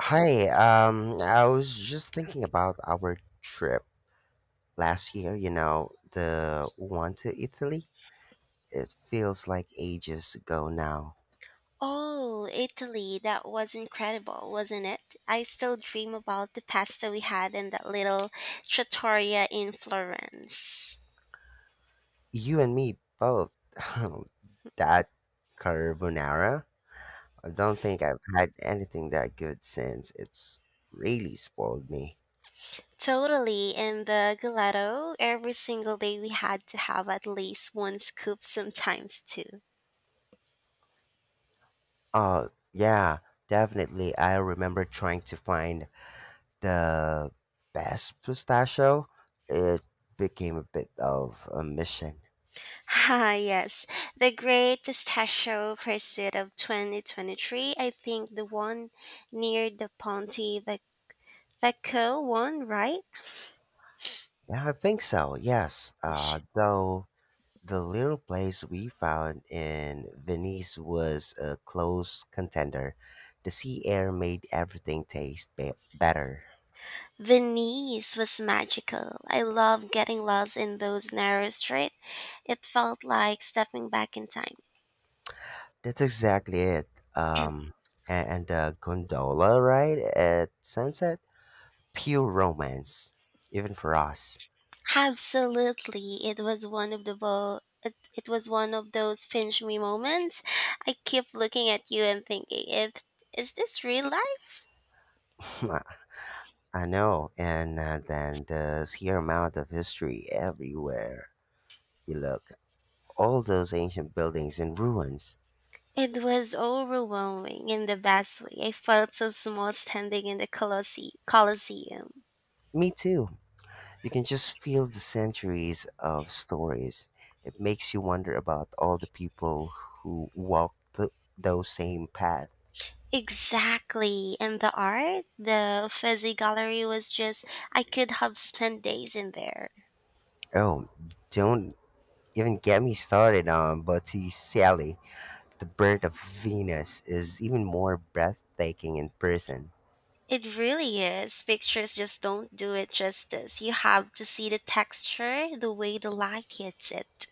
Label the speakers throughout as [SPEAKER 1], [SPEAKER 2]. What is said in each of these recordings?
[SPEAKER 1] I was just thinking about our trip last year, you know, the one to Italy. It feels like ages ago now.
[SPEAKER 2] Oh, Italy, that was incredible, wasn't it? I still dream about the pasta we had in that little trattoria in Florence.
[SPEAKER 1] You and me both. that carbonara. I don't think I've had anything that good since. It's really spoiled me.
[SPEAKER 2] Totally, and the gelato, every single day we had to have at least one scoop, sometimes two.
[SPEAKER 1] Oh, yeah, definitely. I remember trying to find the best pistachio. It became a bit of a mission.
[SPEAKER 2] Ah, yes, the great pistachio pursuit of 2023, I think the one near the Vecchio one, right?
[SPEAKER 1] Yeah, I think so. Yes. Though the little place we found in Venice was a close contender, the sea air made everything taste better.
[SPEAKER 2] Venice was magical. I loved getting lost in those narrow streets. It felt like stepping back in time.
[SPEAKER 1] That's exactly it. Um, and the gondola ride at sunset, pure romance, even for us.
[SPEAKER 2] Absolutely, it was one of those pinch me moments. I kept looking at you and thinking, "If Is this real life?"
[SPEAKER 1] I I know. And then the sheer amount of history everywhere you look. All those ancient buildings in ruins.
[SPEAKER 2] It was overwhelming in the best way. I felt so small standing in the Colosseum.
[SPEAKER 1] Me too. You can just feel the centuries of stories. It makes you wonder about all the people who walked those same paths.
[SPEAKER 2] Exactly. And the art, the Fuzzy Gallery was just, I could have spent days in there.
[SPEAKER 1] Oh, don't even get me started on Botticelli. The Birth of Venus is even more breathtaking in person.
[SPEAKER 2] It really is. Pictures just don't do it justice. You have to see the texture, the way the light hits it.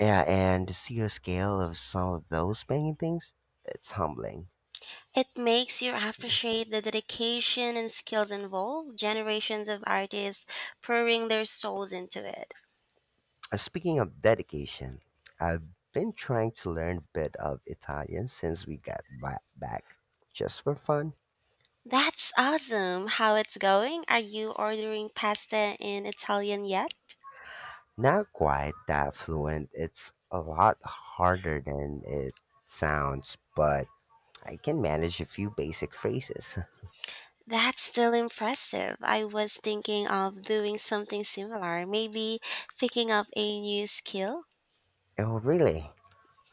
[SPEAKER 1] Yeah, and to see the scale of some of those paintings, it's humbling.
[SPEAKER 2] It makes you appreciate the dedication and skills involved, generations of artists pouring their souls into it.
[SPEAKER 1] Speaking of dedication, I've been trying to learn a bit of Italian since we got back, just for fun.
[SPEAKER 2] That's awesome. How it's going? Are you ordering pasta in Italian yet?
[SPEAKER 1] Not quite that fluent. It's a lot harder than it sounds, but I can manage a few basic phrases.
[SPEAKER 2] That's still impressive. I was thinking of doing something similar, maybe picking up a new skill.
[SPEAKER 1] Oh, really?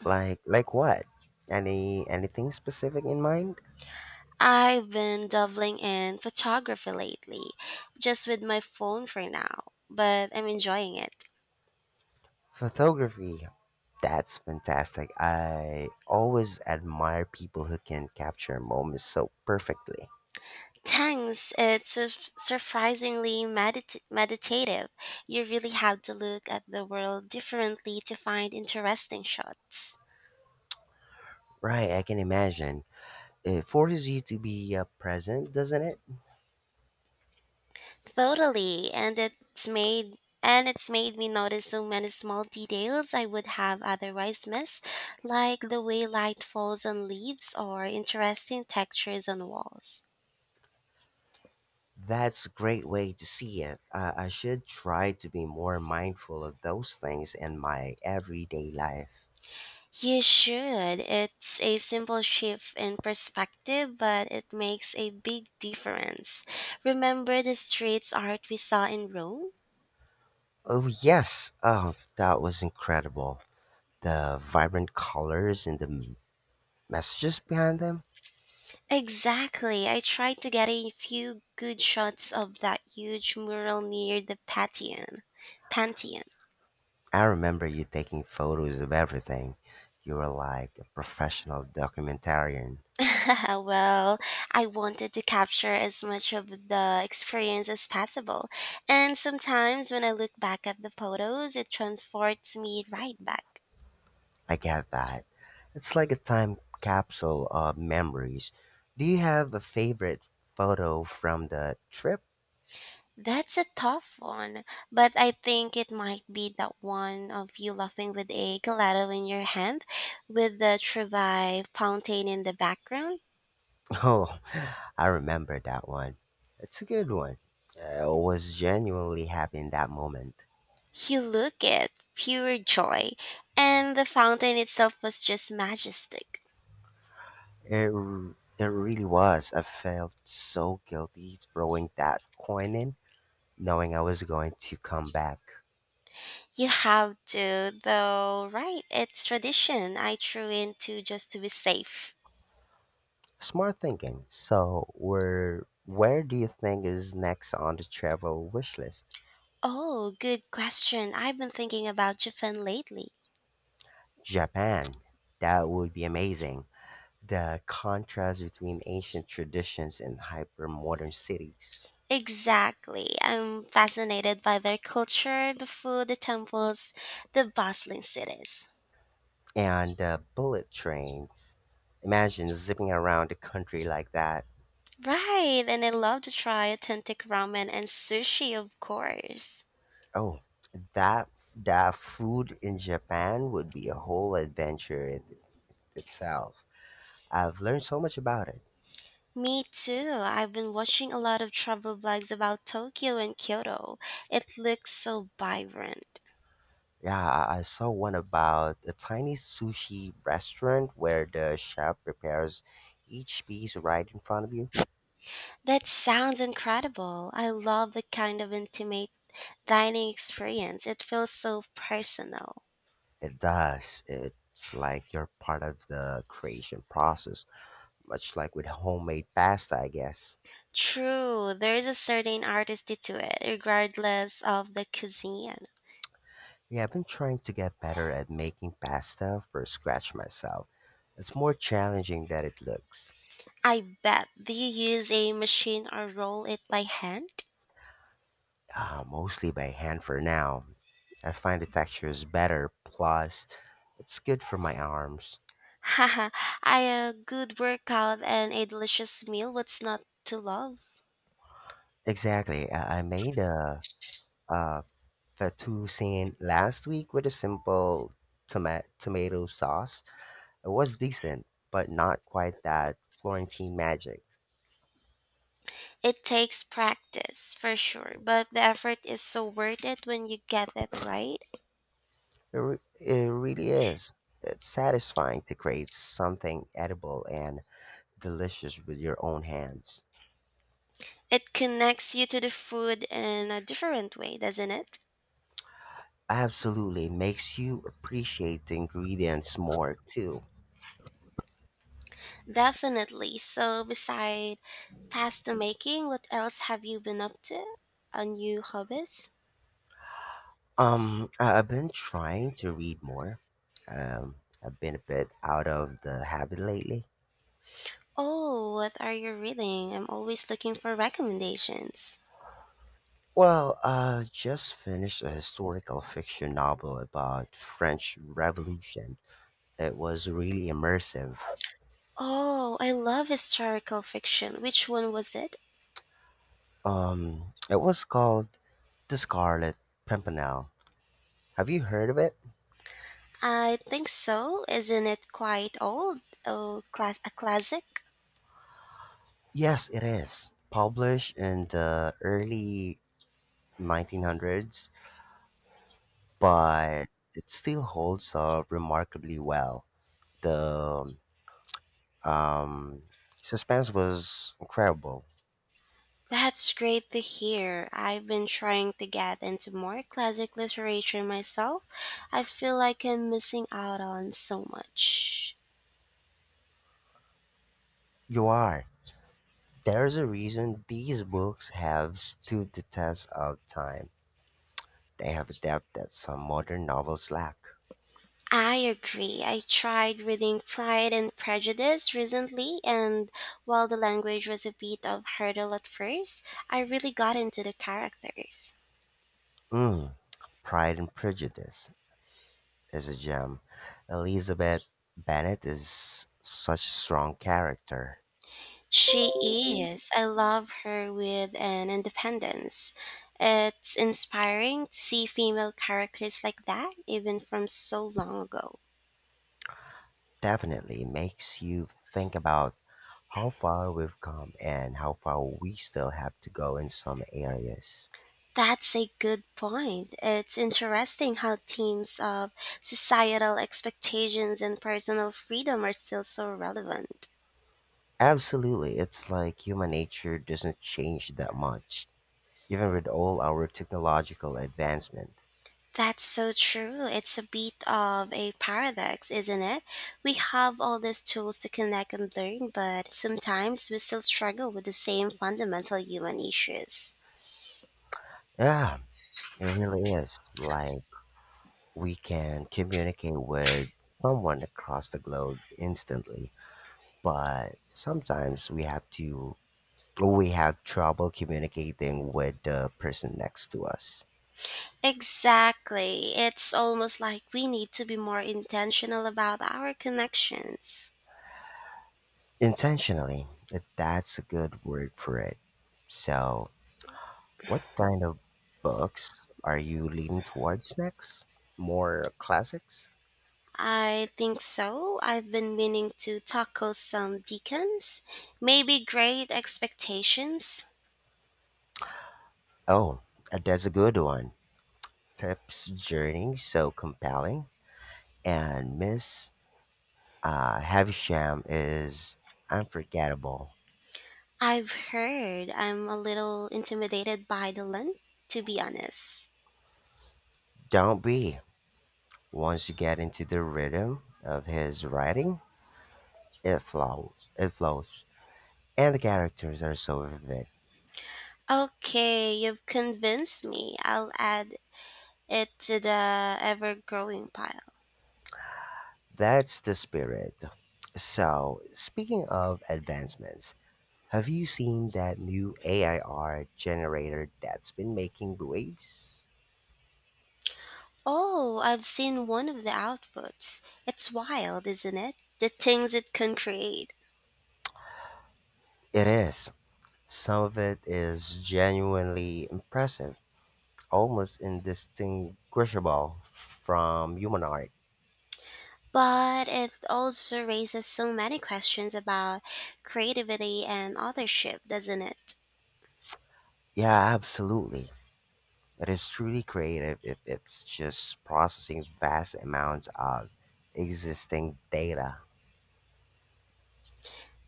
[SPEAKER 1] Like what? Anything specific in mind?
[SPEAKER 2] I've been dabbling in photography lately, just with my phone for now, but I'm enjoying it.
[SPEAKER 1] Photography. That's fantastic. I always admire people who can capture moments so perfectly.
[SPEAKER 2] Thanks, it's surprisingly meditative. You really have to look at the world differently to find interesting shots.
[SPEAKER 1] Right, I can imagine. It forces you to be present, doesn't it?
[SPEAKER 2] Totally, and it's made me notice so many small details I would have otherwise missed, like the way light falls on leaves or interesting textures on walls.
[SPEAKER 1] That's a great way to see it. I should try to be more mindful of those things in my everyday life.
[SPEAKER 2] You should. It's a simple shift in perspective, but it makes a big difference. Remember the street art we saw in Rome?
[SPEAKER 1] Oh, yes. Oh, that was incredible. The vibrant colors and the messages behind them.
[SPEAKER 2] Exactly. I tried to get a few good shots of that huge mural near the Pantheon.
[SPEAKER 1] I remember you taking photos of everything. You were like a professional documentarian.
[SPEAKER 2] Well, I wanted to capture as much of the experience as possible. And sometimes when I look back at the photos, it transports me right back.
[SPEAKER 1] I get that. It's like a time capsule of memories. Do you have a favorite photo from the trip?
[SPEAKER 2] That's a tough one, but I think it might be that one of you laughing with a gelato in your hand with the Trevi fountain in the background.
[SPEAKER 1] Oh, I remember that one. It's a good one. I was genuinely happy in that moment.
[SPEAKER 2] You look at pure joy, and the fountain itself was just majestic.
[SPEAKER 1] It really was. I felt so guilty throwing that coin in, knowing I was going to come back.
[SPEAKER 2] You have to, though, right? It's tradition. I threw into just to be safe.
[SPEAKER 1] Smart thinking. So, where do you think is next on the travel wish list?
[SPEAKER 2] Oh, good question. I've been thinking about Japan lately.
[SPEAKER 1] Japan. That would be amazing. The contrast between ancient traditions and hyper modern cities.
[SPEAKER 2] Exactly. I'm fascinated by their culture, the food, the temples, the bustling cities.
[SPEAKER 1] And bullet trains. Imagine zipping around the country like that.
[SPEAKER 2] Right, and I love to try authentic ramen and sushi, of course.
[SPEAKER 1] Oh, that that food in Japan would be a whole adventure in itself. I've learned so much about it.
[SPEAKER 2] Me too. I've been watching a lot of travel blogs about Tokyo and Kyoto. It looks so vibrant.
[SPEAKER 1] Yeah, I saw one about a tiny sushi restaurant where the chef prepares each piece right in front of you.
[SPEAKER 2] That sounds incredible. I love the kind of intimate dining experience. It feels so personal.
[SPEAKER 1] It does. It's like you're part of the creation process, much like with homemade pasta, I guess.
[SPEAKER 2] True, there is a certain artistry to it, regardless of the cuisine.
[SPEAKER 1] Yeah, I've been trying to get better at making pasta from scratch myself. It's more challenging than it looks,
[SPEAKER 2] I bet. Do you use a machine or roll it by hand?
[SPEAKER 1] mostly by hand for now. I find the texture is better, plus, it's good for my arms.
[SPEAKER 2] Haha, I a good workout and a delicious meal. What's not to love?
[SPEAKER 1] Exactly. I made a fettuccine last week with a simple tomato sauce. It was decent, but not quite that Florentine magic.
[SPEAKER 2] It takes practice, for sure, but the effort is so worth it when you get it right.
[SPEAKER 1] It really is. It's satisfying to create something edible and delicious with your own hands.
[SPEAKER 2] It connects you to the food in a different way, doesn't it?
[SPEAKER 1] Absolutely makes you appreciate the ingredients more too.
[SPEAKER 2] Definitely. So, beside pasta making, what else have you been up to? A new hobbies?
[SPEAKER 1] I've been trying to read more. Um, I've been a bit out of the habit lately.
[SPEAKER 2] Oh, what are you reading? I'm always looking for recommendations.
[SPEAKER 1] Well, I just finished a historical fiction novel about French Revolution. It was really immersive.
[SPEAKER 2] Oh, I love historical fiction. Which one was it?
[SPEAKER 1] It was called The Scarlet Pimpernel. Have you heard of it?
[SPEAKER 2] I think so. Isn't it quite old? Oh, class a classic?
[SPEAKER 1] Yes, it is. Published in the early 1900s, but it still holds up remarkably well. The um, suspense was incredible.
[SPEAKER 2] That's great to hear. I've been trying to get into more classic literature myself. I feel like I'm missing out on so much.
[SPEAKER 1] You are. There's a reason these books have stood the test of time. They have adapted some modern novels lack.
[SPEAKER 2] I agree. I tried reading Pride and Prejudice recently, and while the language was a bit of hurdle at first, I really got into the characters.
[SPEAKER 1] Mm, Pride and Prejudice is a gem. Elizabeth Bennet is such a strong character.
[SPEAKER 2] She is. I love her with an independence. It's inspiring to see female characters like that, even from so long ago.
[SPEAKER 1] Definitely makes you think about how far we've come and how far we still have to go in some areas.
[SPEAKER 2] That's a good point. It's interesting how themes of societal expectations and personal freedom are still so relevant.
[SPEAKER 1] Absolutely, it's like human nature doesn't change that much, even with all our technological advancement.
[SPEAKER 2] That's so true. It's a bit of a paradox, isn't it? We have all these tools to connect and learn, but sometimes we still struggle with the same fundamental human issues.
[SPEAKER 1] Yeah, it really is. Like we can communicate with someone across the globe instantly, but sometimes we have trouble communicating with the person next to us.
[SPEAKER 2] Exactly. It's almost like we need to be more intentional about our connections.
[SPEAKER 1] Intentionally, that's a good word for it. So, what kind of books are you leaning towards next, more classics?
[SPEAKER 2] I think so. I've been meaning to tackle some Dickens, maybe Great Expectations.
[SPEAKER 1] Oh, that's a good one. Pip's journey so compelling, and miss Havisham is unforgettable.
[SPEAKER 2] I've heard I'm a little intimidated by the length, to be honest.
[SPEAKER 1] Don't be. Once you get into the rhythm of his writing, it flows. It flows. And the characters are so vivid.
[SPEAKER 2] Okay, you've convinced me. I'll add it to the ever growing pile.
[SPEAKER 1] That's the spirit. So, speaking of advancements, have you seen that new AI art generator that's been making waves?
[SPEAKER 2] Oh, I've seen one of the outputs. It's wild, isn't it? The things it can create.
[SPEAKER 1] It is. Some of it is genuinely impressive, almost indistinguishable from human art.
[SPEAKER 2] But it also raises so many questions about creativity and authorship, doesn't it?
[SPEAKER 1] Yeah, absolutely. It is truly creative if it's just processing vast amounts of existing data.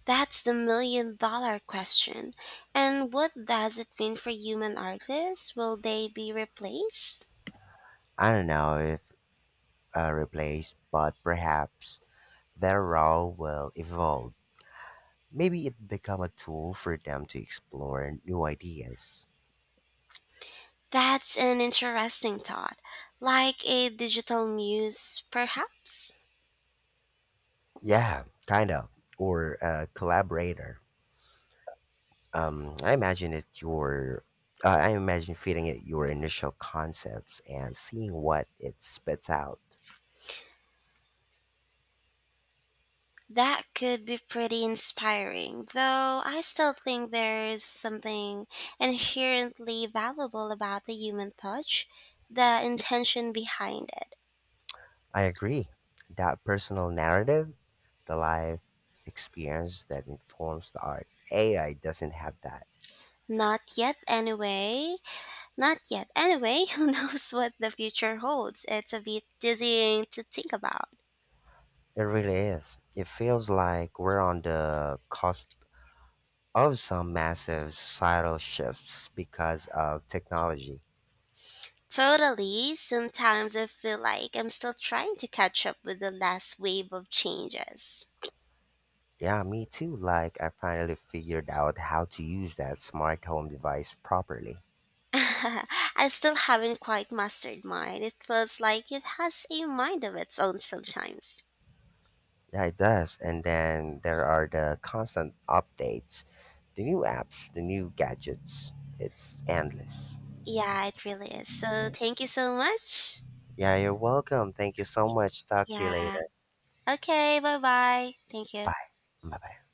[SPEAKER 2] That's the million dollar question. And what does it mean for human artists? Will they be replaced?
[SPEAKER 1] I don't know if replaced, but perhaps their role will evolve. Maybe it become a tool for them to explore new ideas.
[SPEAKER 2] That's an interesting thought. Like a digital muse, perhaps?
[SPEAKER 1] Yeah, kind of. Or a collaborator. um, I imagine it. your I imagine feeding it your initial concepts and seeing what it spits out.
[SPEAKER 2] That could be pretty inspiring, though I still think there's something inherently valuable about the human touch, the intention behind it.
[SPEAKER 1] I agree. That personal narrative, the life experience that informs the art. AI doesn't have that.
[SPEAKER 2] Not yet, anyway. Not yet, anyway. Who knows what the future holds? It's a bit dizzying to think about.
[SPEAKER 1] It really is. It feels like we're on the cusp of some massive societal shifts because of technology.
[SPEAKER 2] Totally. Sometimes I feel like I'm still trying to catch up with the last wave of changes.
[SPEAKER 1] Yeah, me too. Like, I finally figured out how to use that smart home device properly.
[SPEAKER 2] I still haven't quite mastered mine. It feels like it has a mind of its own sometimes.
[SPEAKER 1] Yeah, it does. And then there are the constant updates, the new apps, the new gadgets. It's endless.
[SPEAKER 2] Yeah, it really is. So thank you so much.
[SPEAKER 1] Yeah, you're welcome. Thank you so
[SPEAKER 2] Y-
[SPEAKER 1] much. Talk to you
[SPEAKER 2] Yeah.
[SPEAKER 1] later.
[SPEAKER 2] Okay, bye bye. Thank you.
[SPEAKER 1] Bye. Bye bye.